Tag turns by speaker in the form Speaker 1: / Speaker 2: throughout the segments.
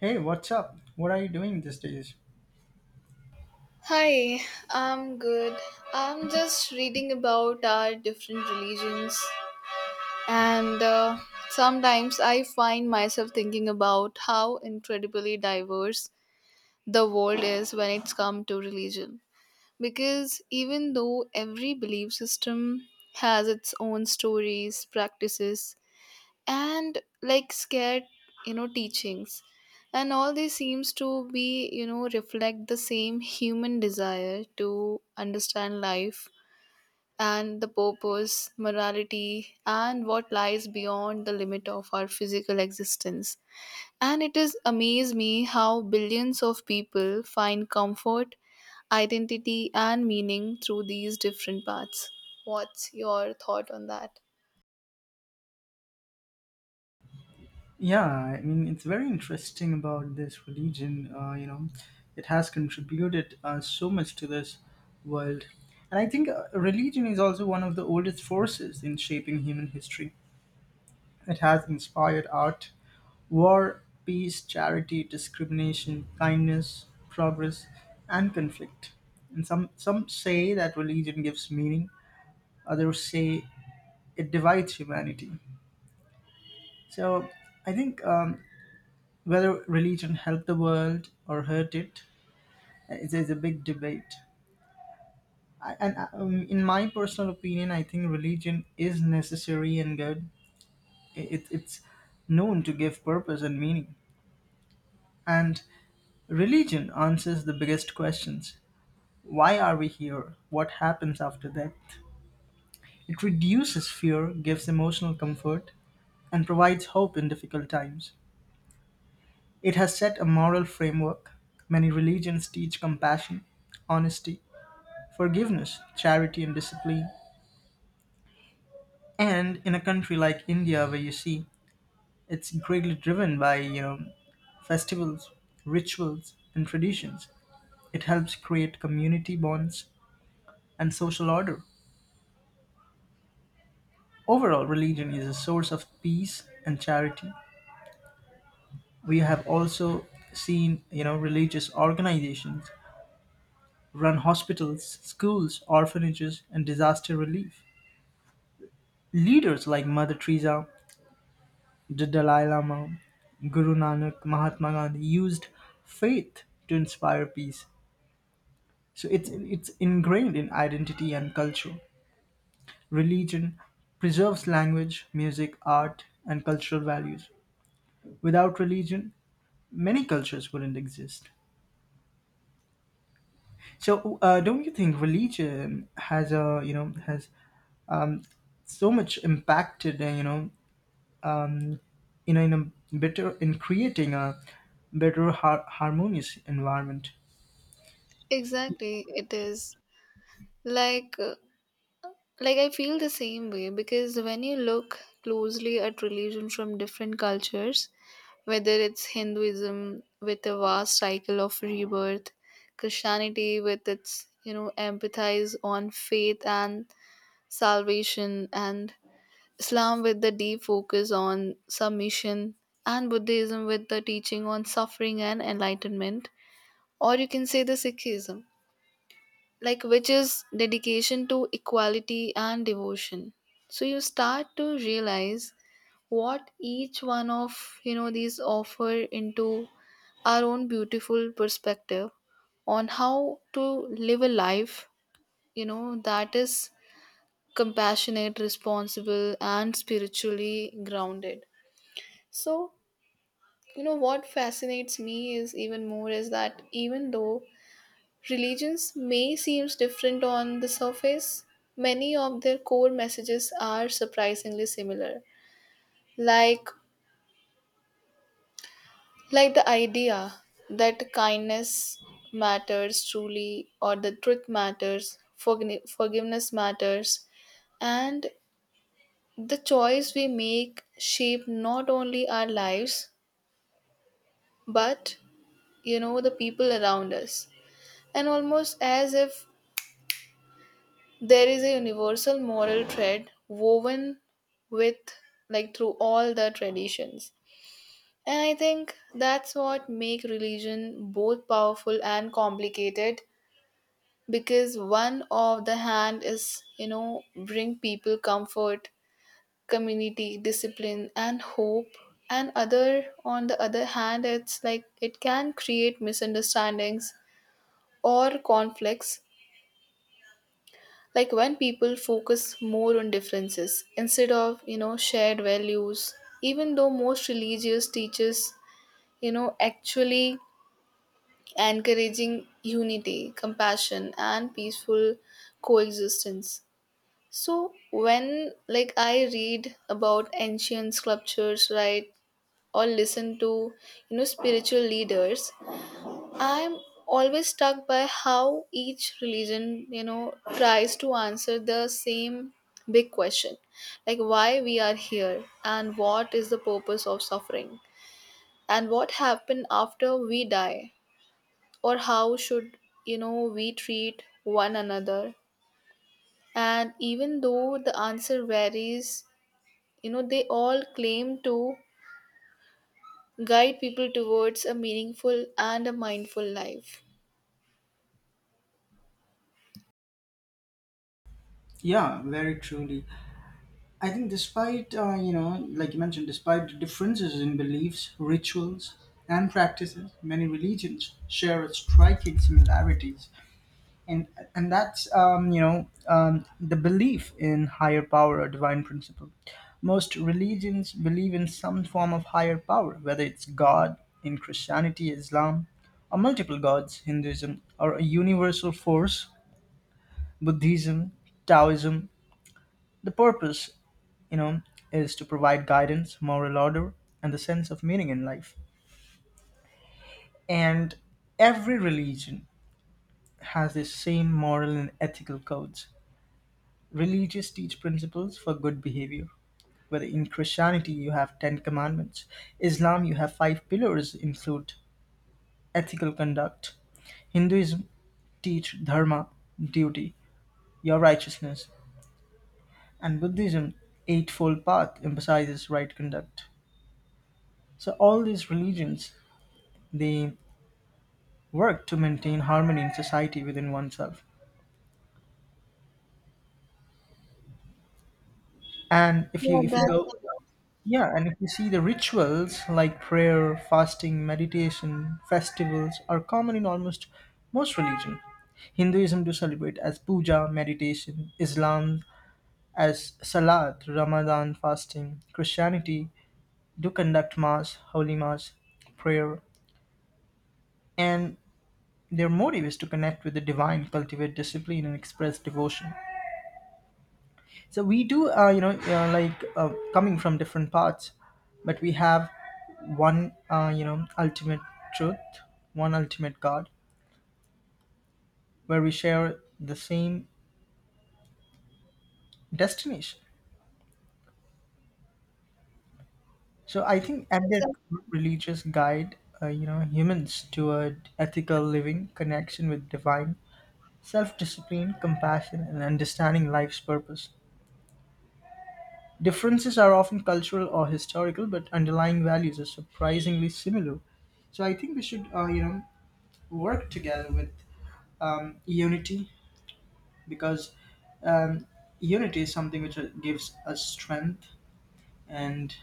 Speaker 1: Hey, what's up? What are you doing these days?
Speaker 2: Hi, I'm good. I'm just reading about our different religions, and sometimes I find myself thinking about how incredibly diverse the world is when it's come to religion. Because even though every belief system has its own stories, practices, and like scared teachings, and all this seems to be reflect the same human desire to understand life and the purpose, morality, and what lies beyond the limit of our physical existence. And it is amaze me how billions of people find comfort, identity, and meaning through these different paths. What's your thought on that?
Speaker 1: Yeah, I mean, it's very interesting about this religion. You know, it has contributed so much to this world. And I think religion is also one of the oldest forces in shaping human history. It has inspired art, war, peace, charity, discrimination, kindness, progress, and conflict. And some say that religion gives meaning, others say it divides humanity. So I think whether religion helped the world or hurt it is a big debate. I, and In my personal opinion, I think religion is necessary and good. It's known to give purpose and meaning. And religion answers the biggest questions. Why are we here? What happens after death? It reduces fear, gives emotional comfort, and provides hope in difficult times. It has set a moral framework. Many religions teach compassion, honesty, forgiveness, charity, and discipline. And in a country like India, where you see it's greatly driven by you know festivals, rituals, and traditions, it helps create community bonds and social order. Overall, religion is a source of peace and charity. We have also seen, you know, religious organizations run hospitals, schools, orphanages, and disaster relief. Leaders like Mother Teresa, the Dalai Lama, Guru Nanak, Mahatma Gandhi used faith to inspire peace. So it's ingrained in identity and culture. Religion preserves language, music, art, and cultural values. Without religion, many cultures wouldn't exist. So don't you think religion has a you know has um, so much impacted um, you know in a better in creating a better harmonious environment?
Speaker 2: Exactly, it is. Like uh, Like, I feel the same way, because when you look closely at religion from different cultures, whether it's Hinduism with a vast cycle of rebirth, Christianity with its, empathize on faith and salvation, and Islam with the deep focus on submission, and Buddhism with the teaching on suffering and enlightenment, or you can say the Sikhism, like, which is dedication to equality and devotion, so you start to realize what each one of, these offer into our own beautiful perspective on how to live a life, that is compassionate, responsible, and spiritually grounded. So, what fascinates me is even more is that even though religions may seem different on the surface, many of their core messages are surprisingly similar. Like like the idea that kindness matters truly, or the truth matters, forgiveness matters, and the choice we make shape not only our lives, but the people around us. And almost as if there is a universal moral thread woven with, like, through all the traditions. And I think that's what make religion both powerful and complicated, because one of the hand is, you know, bring people comfort, community, discipline, and hope, and other on the other hand it's like it can create misunderstandings or conflicts, like when people focus more on differences instead of, shared values, even though most religious teaches, actually encouraging unity, compassion, and peaceful coexistence. So when, like, I read about ancient sculptures, right, or listen to, spiritual leaders, I'm always struck by how each religion, you know, tries to answer the same big question, like why we are here, and what is the purpose of suffering, and what happens after we die, or how should, we treat one another. And even though the answer varies, they all claim to guide people towards a meaningful and a mindful life.
Speaker 1: Yeah, very truly. I think, despite, you know, like you mentioned, despite the differences in beliefs, rituals, and practices, many religions share striking similarities. And and that's you know the belief in higher power or divine principle. Most religions believe in some form of higher power, whether it's God in Christianity, Islam, or multiple gods, Hinduism, or a universal force, Buddhism, Taoism. The purpose, you know, is to provide guidance, moral order, and the sense of meaning in life. And every religion has the same moral and ethical codes. Religious teach principles for good behavior. Whether in Christianity you have Ten Commandments, Islam you have five pillars include ethical conduct. Hinduism teach dharma, duty, your righteousness, and Buddhism eightfold path emphasizes right conduct. So all these religions they work to maintain harmony in society within oneself. And if you
Speaker 2: yeah
Speaker 1: if you go.
Speaker 2: that's
Speaker 1: Yeah, and if you see the rituals like prayer, fasting, meditation, festivals are common in almost most religion. Hinduism to celebrate as puja, meditation, Islam as salat, Ramadan fasting, Christianity do conduct mass, holy mass, prayer, and their motive is to connect with the divine, cultivate discipline and express devotion. So we do, you know, coming from different parts, but we have one, you know, ultimate truth, one ultimate God, where we share the same destination. So I think at their core, religious guide, you know, humans toward ethical living, connection with divine, self-discipline, compassion, and understanding life's purpose. Differences are often cultural or historical, but underlying values are surprisingly similar. So I think we should, you know, work together with unity, because um, unity is something which gives us strength, and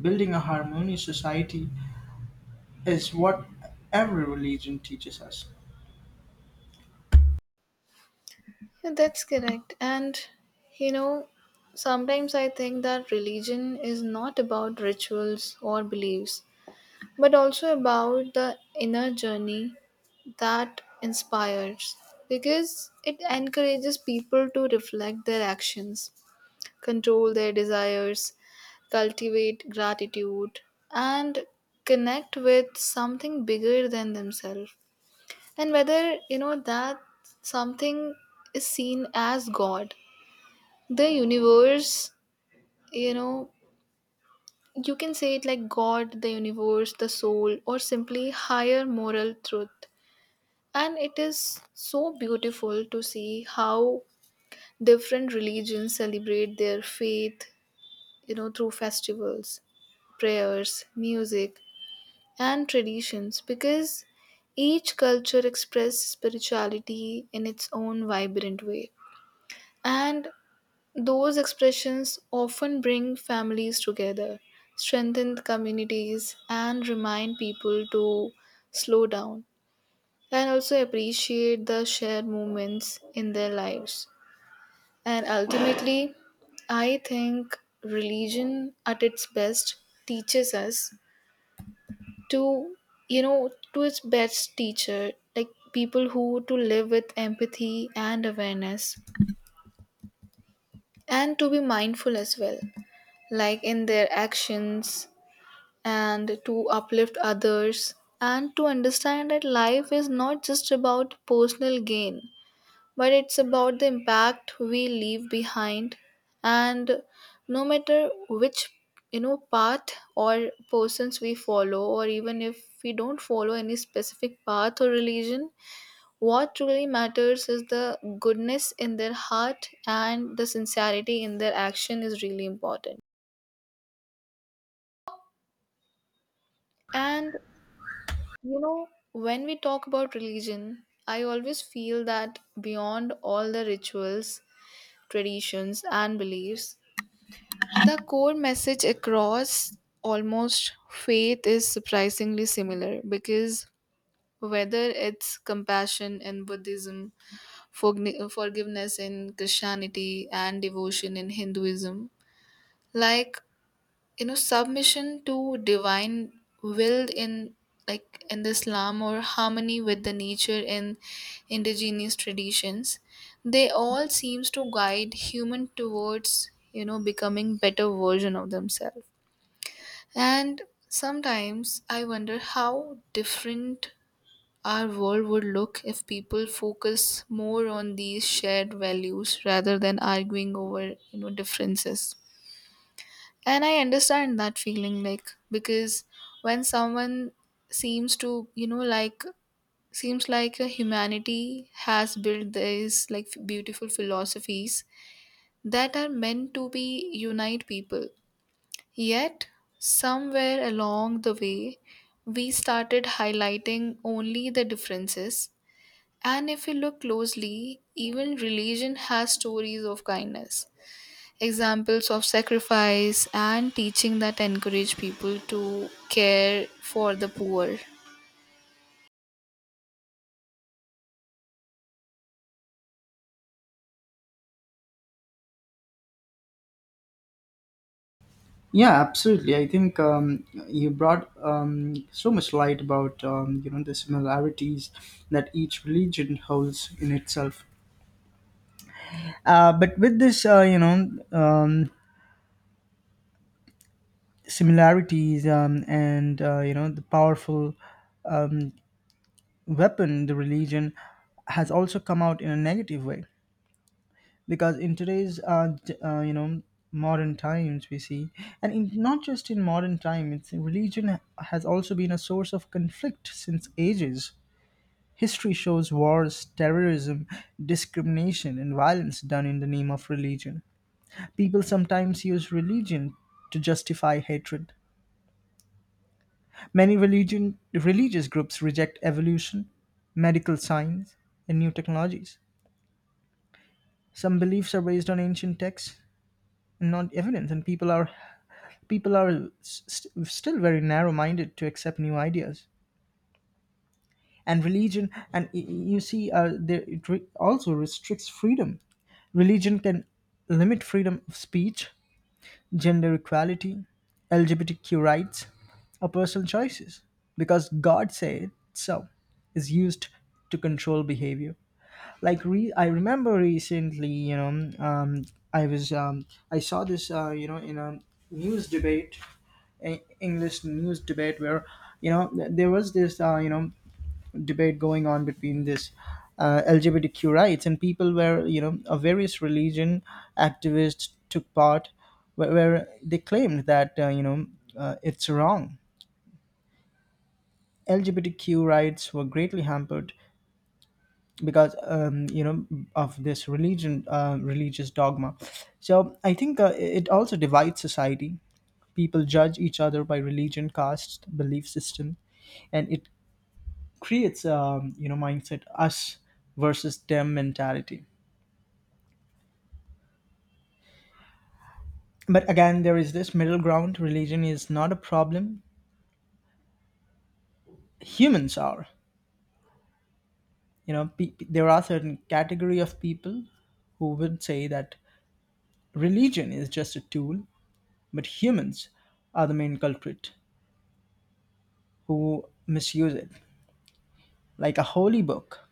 Speaker 1: building a harmonious society is what every religion teaches us.
Speaker 2: Yeah, that's correct. And you know, sometimes I think that religion is not about rituals or beliefs, but also about the inner journey that inspires, because it encourages people to reflect their actions, control their desires, cultivate gratitude, and connect with something bigger than themselves. And whether, that something is seen as God, the universe, you know you can say it like God, the universe, the soul, or simply higher moral truth. And it is so beautiful to see how different religions celebrate their faith, through festivals, prayers, music, and traditions, because each culture expresses spirituality in its own vibrant way. And those expressions often bring families together, strengthen communities, and remind people to slow down and also appreciate the shared moments in their lives. And ultimately, I think religion at its best teaches us to, you know, to its best teacher, like people who to live with empathy and awareness, and to be mindful as well, like in their actions, and to uplift others, and to understand that life is not just about personal gain, but it's about the impact we leave behind. And no matter which, path or persons we follow, or even if we don't follow any specific path or religion, what truly matters is the goodness in their heart, and the sincerity in their action is really important. And you know, when we talk about religion, I always feel that beyond all the rituals, traditions, and beliefs, the core message across almost faith is surprisingly similar, because whether it's compassion in Buddhism, forgiveness in Christianity, and devotion in Hinduism, like, submission to divine will in, like, in the Islam, or harmony with the nature in indigenous traditions, they all seems to guide human towards, becoming better version of themselves. And sometimes I wonder how different our world would look if people focus more on these shared values rather than arguing over, differences. And I understand that feeling, like, because when someone seems to, you know, like, seems like a humanity has built these, like, beautiful philosophies that are meant to be unite people. Yet, somewhere along the way, we started highlighting only the differences. And if you look closely, even religion has stories of kindness, examples of sacrifice, and teaching that encourage people to care for the poor.
Speaker 1: Yeah, absolutely. I think you brought so much light about you know the similarities that each religion holds in itself. But with this you know similarities and you know the powerful um, weapon the religion has also come out in a negative way. Because in today's you know modern times we see, and in, not just in modern time, it's religion has also been a source of conflict since ages. History shows wars, terrorism, discrimination, and violence done in the name of religion. People sometimes use religion to justify hatred. Many religion religious groups reject evolution, medical science, and new technologies. Some beliefs are based on ancient texts and not evidence, and still very narrow-minded to accept new ideas. And religion, and you see, there, it also restricts freedom. Religion can limit freedom of speech, gender equality, LGBTQ rights, or personal choices, because God said so is used to control behavior. Like I remember recently you know i was um, I saw this you know in a news debate, English news debate where you know there was this you know debate going on between this LGBTQ rights and people where you know a various religion activists took part, where they claimed that you know it's wrong. LGBTQ rights were greatly hampered because you know of this religion religious dogma. So I think it also divides society. People judge each other by religion, caste, belief system, and it creates you know mindset, us versus them mentality. But again, there is this middle ground. Religion is not a problem, humans are. You know, there are certain category of people who would say that religion is just a tool, but humans are the main culprit who misuse it. Like a holy book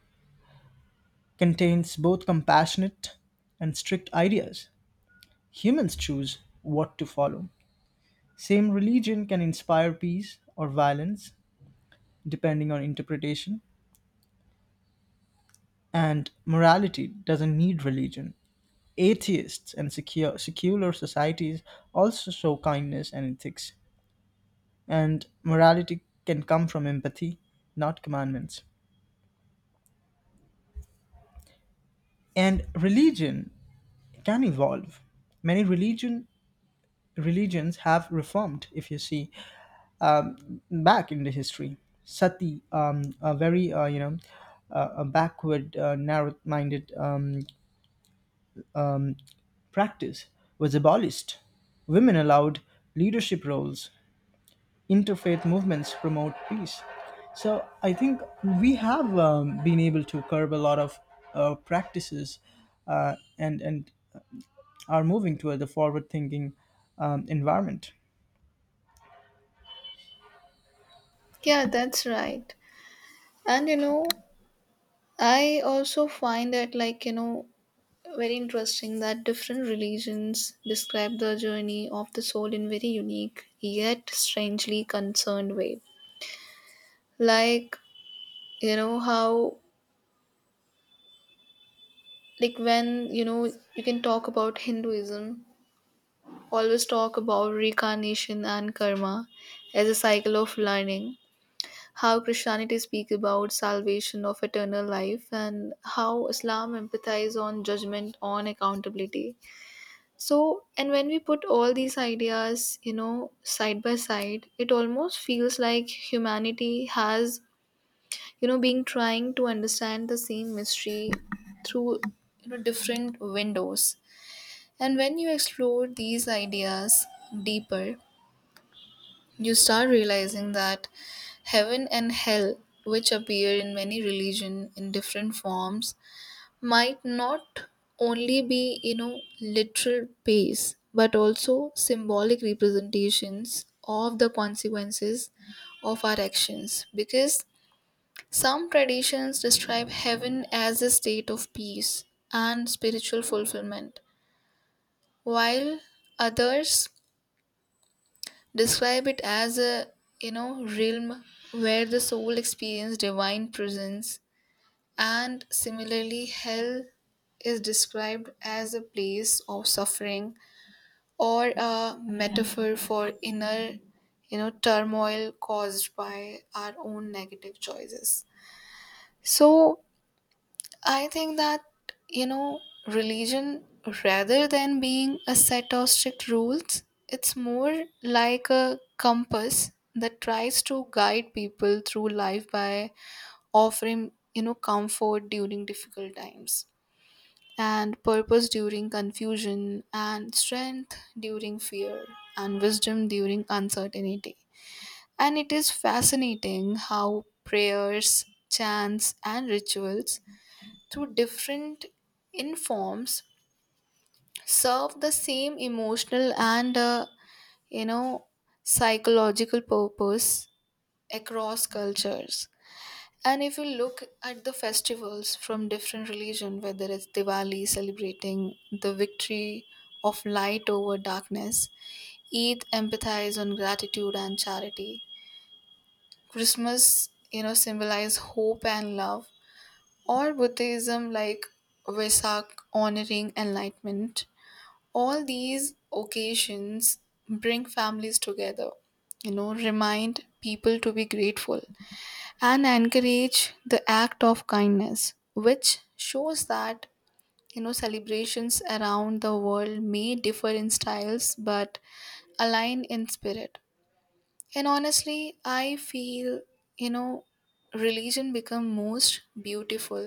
Speaker 1: contains both compassionate and strict ideas. Humans choose what to follow. Same religion can inspire peace or violence depending on interpretation, and morality doesn't need religion. Atheists and secular societies also show kindness and ethics, and morality can come from empathy, not commandments. And religion can evolve. Many religions have reformed. If you see um, back in the history, sati, a very you know a backward narrow-minded practice was abolished, women allowed leadership roles, interfaith movements promote peace. So I think we have been able to curb a lot of practices , and are moving toward the forward thinking environment.
Speaker 2: Yeah, that's right. And you know, I also find that, like, you know, very interesting that different religions describe the journey of the soul in very unique yet strangely concerned way. Like, you know, how like when, you know, you can talk about Hinduism always talk about reincarnation and karma as a cycle of learning, how Christianity speaks about salvation of eternal life, and how Islam emphasizes on judgment, on accountability. So, and when we put all these ideas, you know, side by side, it almost feels like humanity has, you know, been trying to understand the same mystery through, different windows. And when you explore these ideas deeper, you start realizing that heaven and hell, which appear in many religion in different forms, might not only be, you know, literal base, but also symbolic representations of the consequences of our actions. Because some traditions describe heaven as a state of peace and spiritual fulfillment, while others describe it as a, realm where the soul experiences divine presence. And similarly, hell is described as a place of suffering, or a metaphor for inner, turmoil caused by our own negative choices. So I think that, you know, religion, rather than being a set of strict rules, it's more like a compass that tries to guide people through life by offering, you know, comfort during difficult times, and purpose during confusion, and strength during fear, and wisdom during uncertainty. And it is fascinating how prayers, chants, and rituals through different informs serve the same emotional and, you know psychological purpose across cultures. And if you look at the festivals from different religion, whether it's Diwali celebrating the victory of light over darkness, Eid empathize on gratitude and charity, Christmas, symbolize hope and love, or Buddhism, like Vesak honoring enlightenment, all these occasions bring families together, remind people to be grateful, and encourage the act of kindness, which shows that, celebrations around the world may differ in styles, but align in spirit. And honestly, I feel, you know religion become most beautiful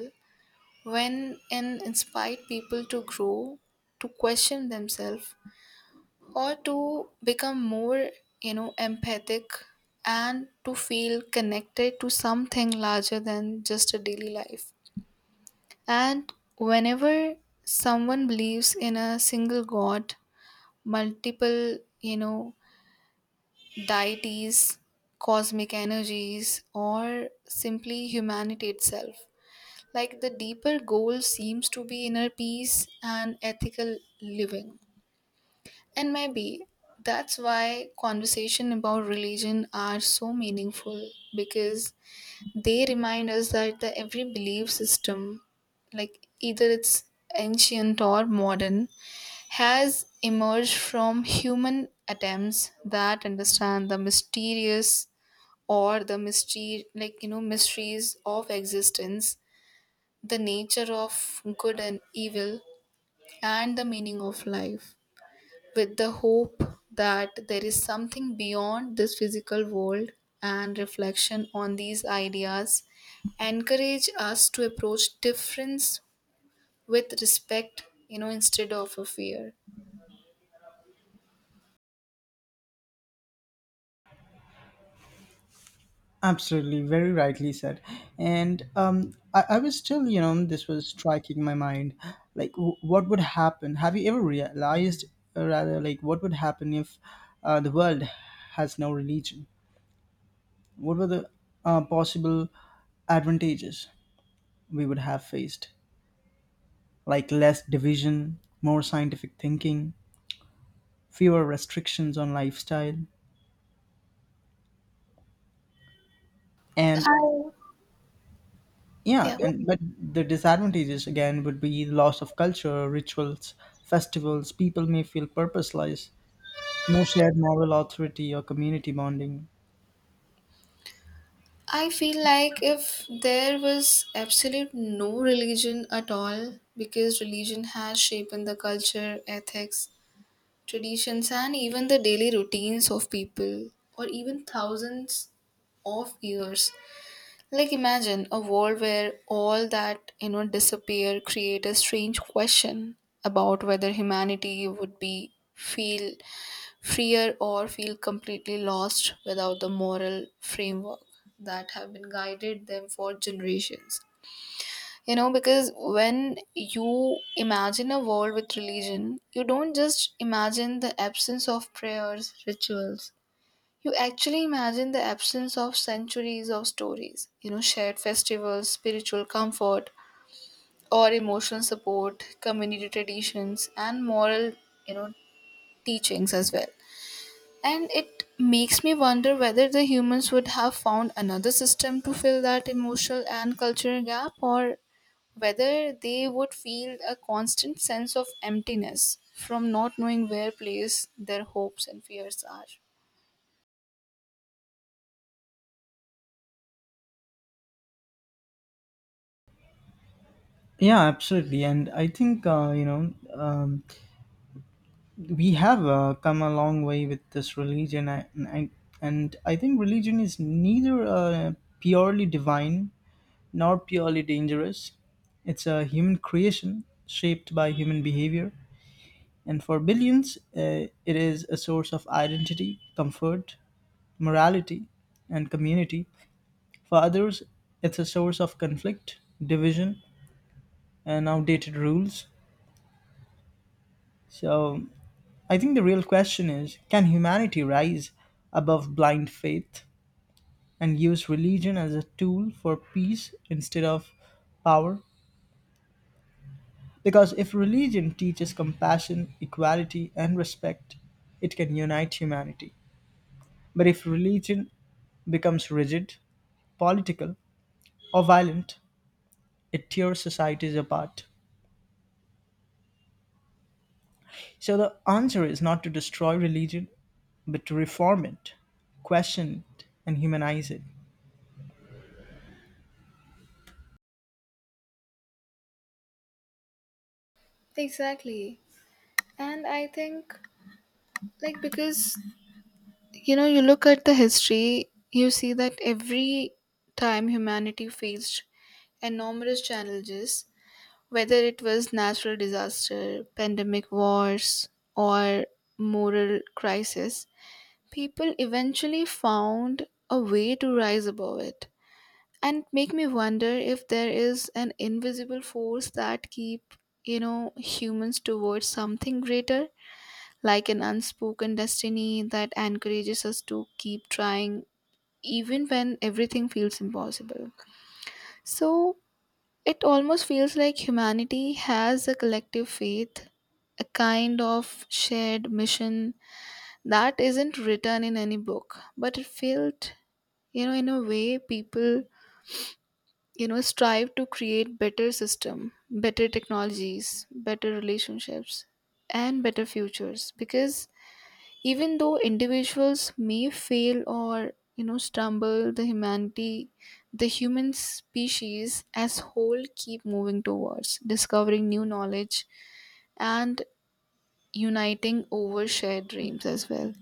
Speaker 2: when it inspired people to grow, to question themselves, or to become more, empathic, and to feel connected to something larger than just a daily life. And whenever someone believes in a single God, multiple, deities, cosmic energies, or simply humanity itself, like the deeper goal seems to be inner peace and ethical living. And maybe that's why conversation about religion are so meaningful, because they remind us that the every belief system, like either it's ancient or modern, has emerged from human attempts that understand the mysterious, or the mystery, like, mysteries of existence, the nature of good and evil, and the meaning of life, with the hope that there is something beyond this physical world. And reflection on these ideas encourage us to approach difference with respect, instead of a fear.
Speaker 1: Absolutely, very rightly said. And I was still, you know, this was striking my mind. Like, what would happen? Have you ever realized, rather, like, what would happen if the world has no religion? What were the possible advantages we would have faced? Like, less division, more scientific thinking, fewer restrictions on lifestyle, and yeah,
Speaker 2: Yeah,
Speaker 1: and but the disadvantages again would be the loss of culture, rituals, festivals. People may feel purposeless, no shared moral authority or community bonding.
Speaker 2: I feel like if there was absolute no religion at all, because religion has shaped the culture, ethics, traditions, and even the daily routines of people or even thousands of years. Like, imagine a world where all that, disappear create a strange question about whether humanity would be feel freer or feel completely lost without the moral framework that have been guided them for generations. You know, because when you imagine a world with religion, you don't just imagine the absence of prayers, rituals, you actually imagine the absence of centuries of stories, you know, shared festivals, spiritual comfort, or emotional support, community traditions, and moral, you know, teachings as well. And it makes me wonder whether the humans would have found another system to fill that emotional and cultural gap, or whether they would feel a constant sense of emptiness from not knowing where place their hopes and fears are.
Speaker 1: Yeah, absolutely. And I think you know we have come a long way with this religion. And I think religion is neither purely divine nor purely dangerous. It's a human creation shaped by human behavior. And for billions, it is a source of identity, comfort, morality, and community. For others, it's a source of conflict, division, and outdated rules. So I think the real question is, can humanity rise above blind faith and use religion as a tool for peace instead of power? Because if religion teaches compassion, equality, and respect, it can unite humanity. But if religion becomes rigid, political, or violent, it tears societies apart. So the answer is not to destroy religion, but to reform it, question it, and humanize it.
Speaker 2: Exactly. And I think, like, because you know, you look at the history, you see that every time humanity faced enormous challenges, whether it was natural disaster, pandemic wars, or moral crisis, people eventually found a way to rise above it. And make me wonder if there is an invisible force that keep, humans towards something greater, like an unspoken destiny that encourages us to keep trying even when everything feels impossible. So it almost feels like humanity has a collective faith, a kind of shared mission that isn't written in any book, but it felt, you know, in a way people, strive to create better system, better technologies, better relationships, and better futures, because even though individuals may fail or, stumble, the humanity, the human species as whole keep moving towards discovering new knowledge and uniting over shared dreams as well.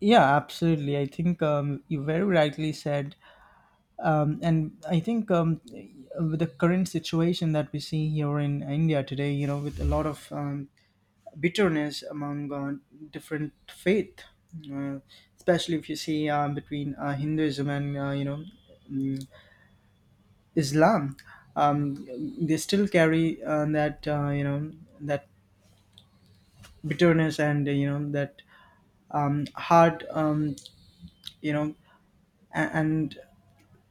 Speaker 1: Yeah, absolutely. I think you very rightly said, and I think with the current situation that we see here in India today, you know, with a lot of bitterness among different faith, uh, especially if you see between Hinduism and mm, Islam. Um, they still carry that you know that bitterness and you know that hard you know and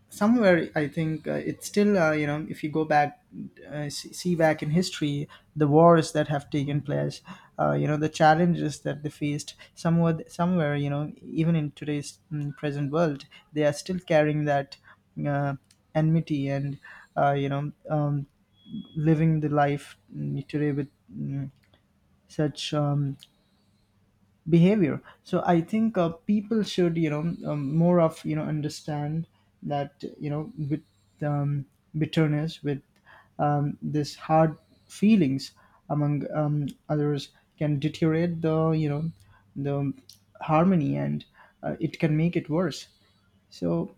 Speaker 1: somewhere I think it's still you know if you go back see back in history, the wars that have taken place, you know the challenges that they faced, somewhat somewhere you know even in today's present world they are still carrying that uh, enmity and you know living the life today with such behavior. So I think people should you know more of you know understand that you know with um, bitterness with this hard feelings among others can deteriorate the you know the harmony, and it can make it worse. So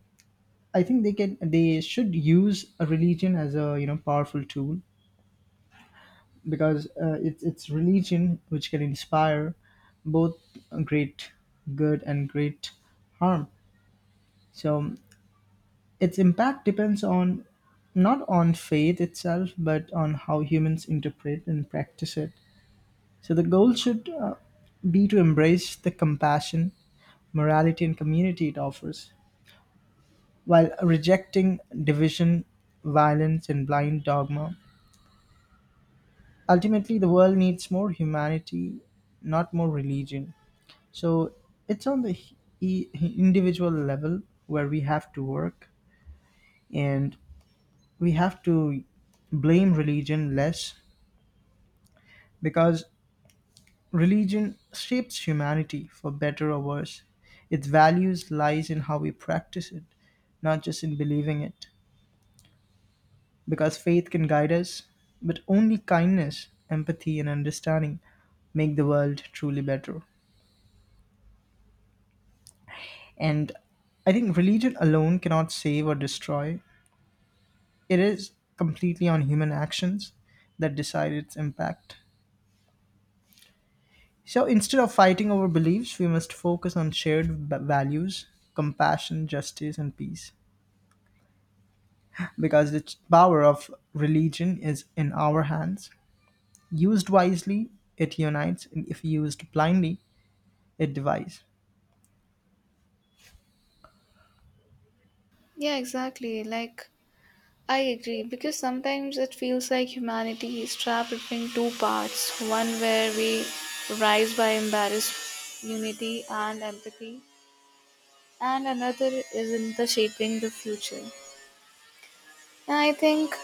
Speaker 1: I think they should use a religion as a you know powerful tool, because it's religion which can inspire both great good and great harm. So its impact depends on not on faith itself, but on how humans interpret and practice it. So the goal should be to embrace the compassion, morality, and community it offers, while rejecting division, violence, and blind dogma. Ultimately, the world needs more humanity, not more religion. So it's on the individual level where we have to work, and we have to blame religion less, because religion shapes humanity for better or worse. Its values lies in how we practice it, not just in believing it. Because faith can guide us, but only kindness, empathy, and understanding make the world truly better. And I think religion alone cannot save or destroy, it is completely on human actions that decide its impact. So instead of fighting over beliefs, we must focus on shared values, compassion, justice, and peace. Because the power of religion is in our hands. Used wisely, it unites, and if used blindly, it divides.
Speaker 2: Yeah, exactly. Like, I agree, because sometimes it feels like humanity is trapped between two parts, one where we rise by embarrassed unity and empathy, and another is in the shaping the future. Yeah, I think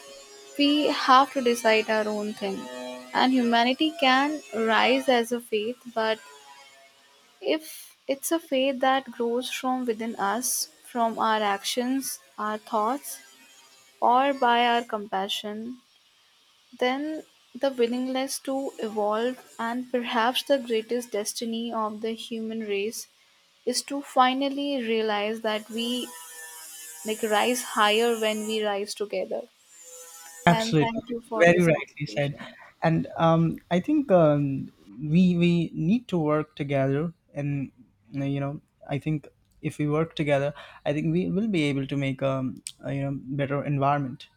Speaker 2: we have to decide our own thing. And humanity can rise as a faith, but if it's a faith that grows from within us, from our actions, our thoughts, or by our compassion, then the willingness to evolve and perhaps the greatest destiny of the human race is to finally realize that we, like, rise higher when we rise together. And
Speaker 1: Absolutely,
Speaker 2: thank you for
Speaker 1: very
Speaker 2: this
Speaker 1: rightly said,
Speaker 2: conversation.
Speaker 1: and I think we need to work together, and you know, I think if we work together, I think we will be able to make a you know better environment.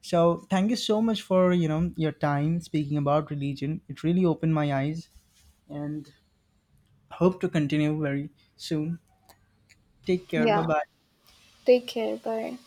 Speaker 1: So thank you so much for you know your time speaking about religion. It really opened my eyes, and hope to continue very soon. Take care. Bye
Speaker 2: Yeah.
Speaker 1: bye.
Speaker 2: Take care. Bye.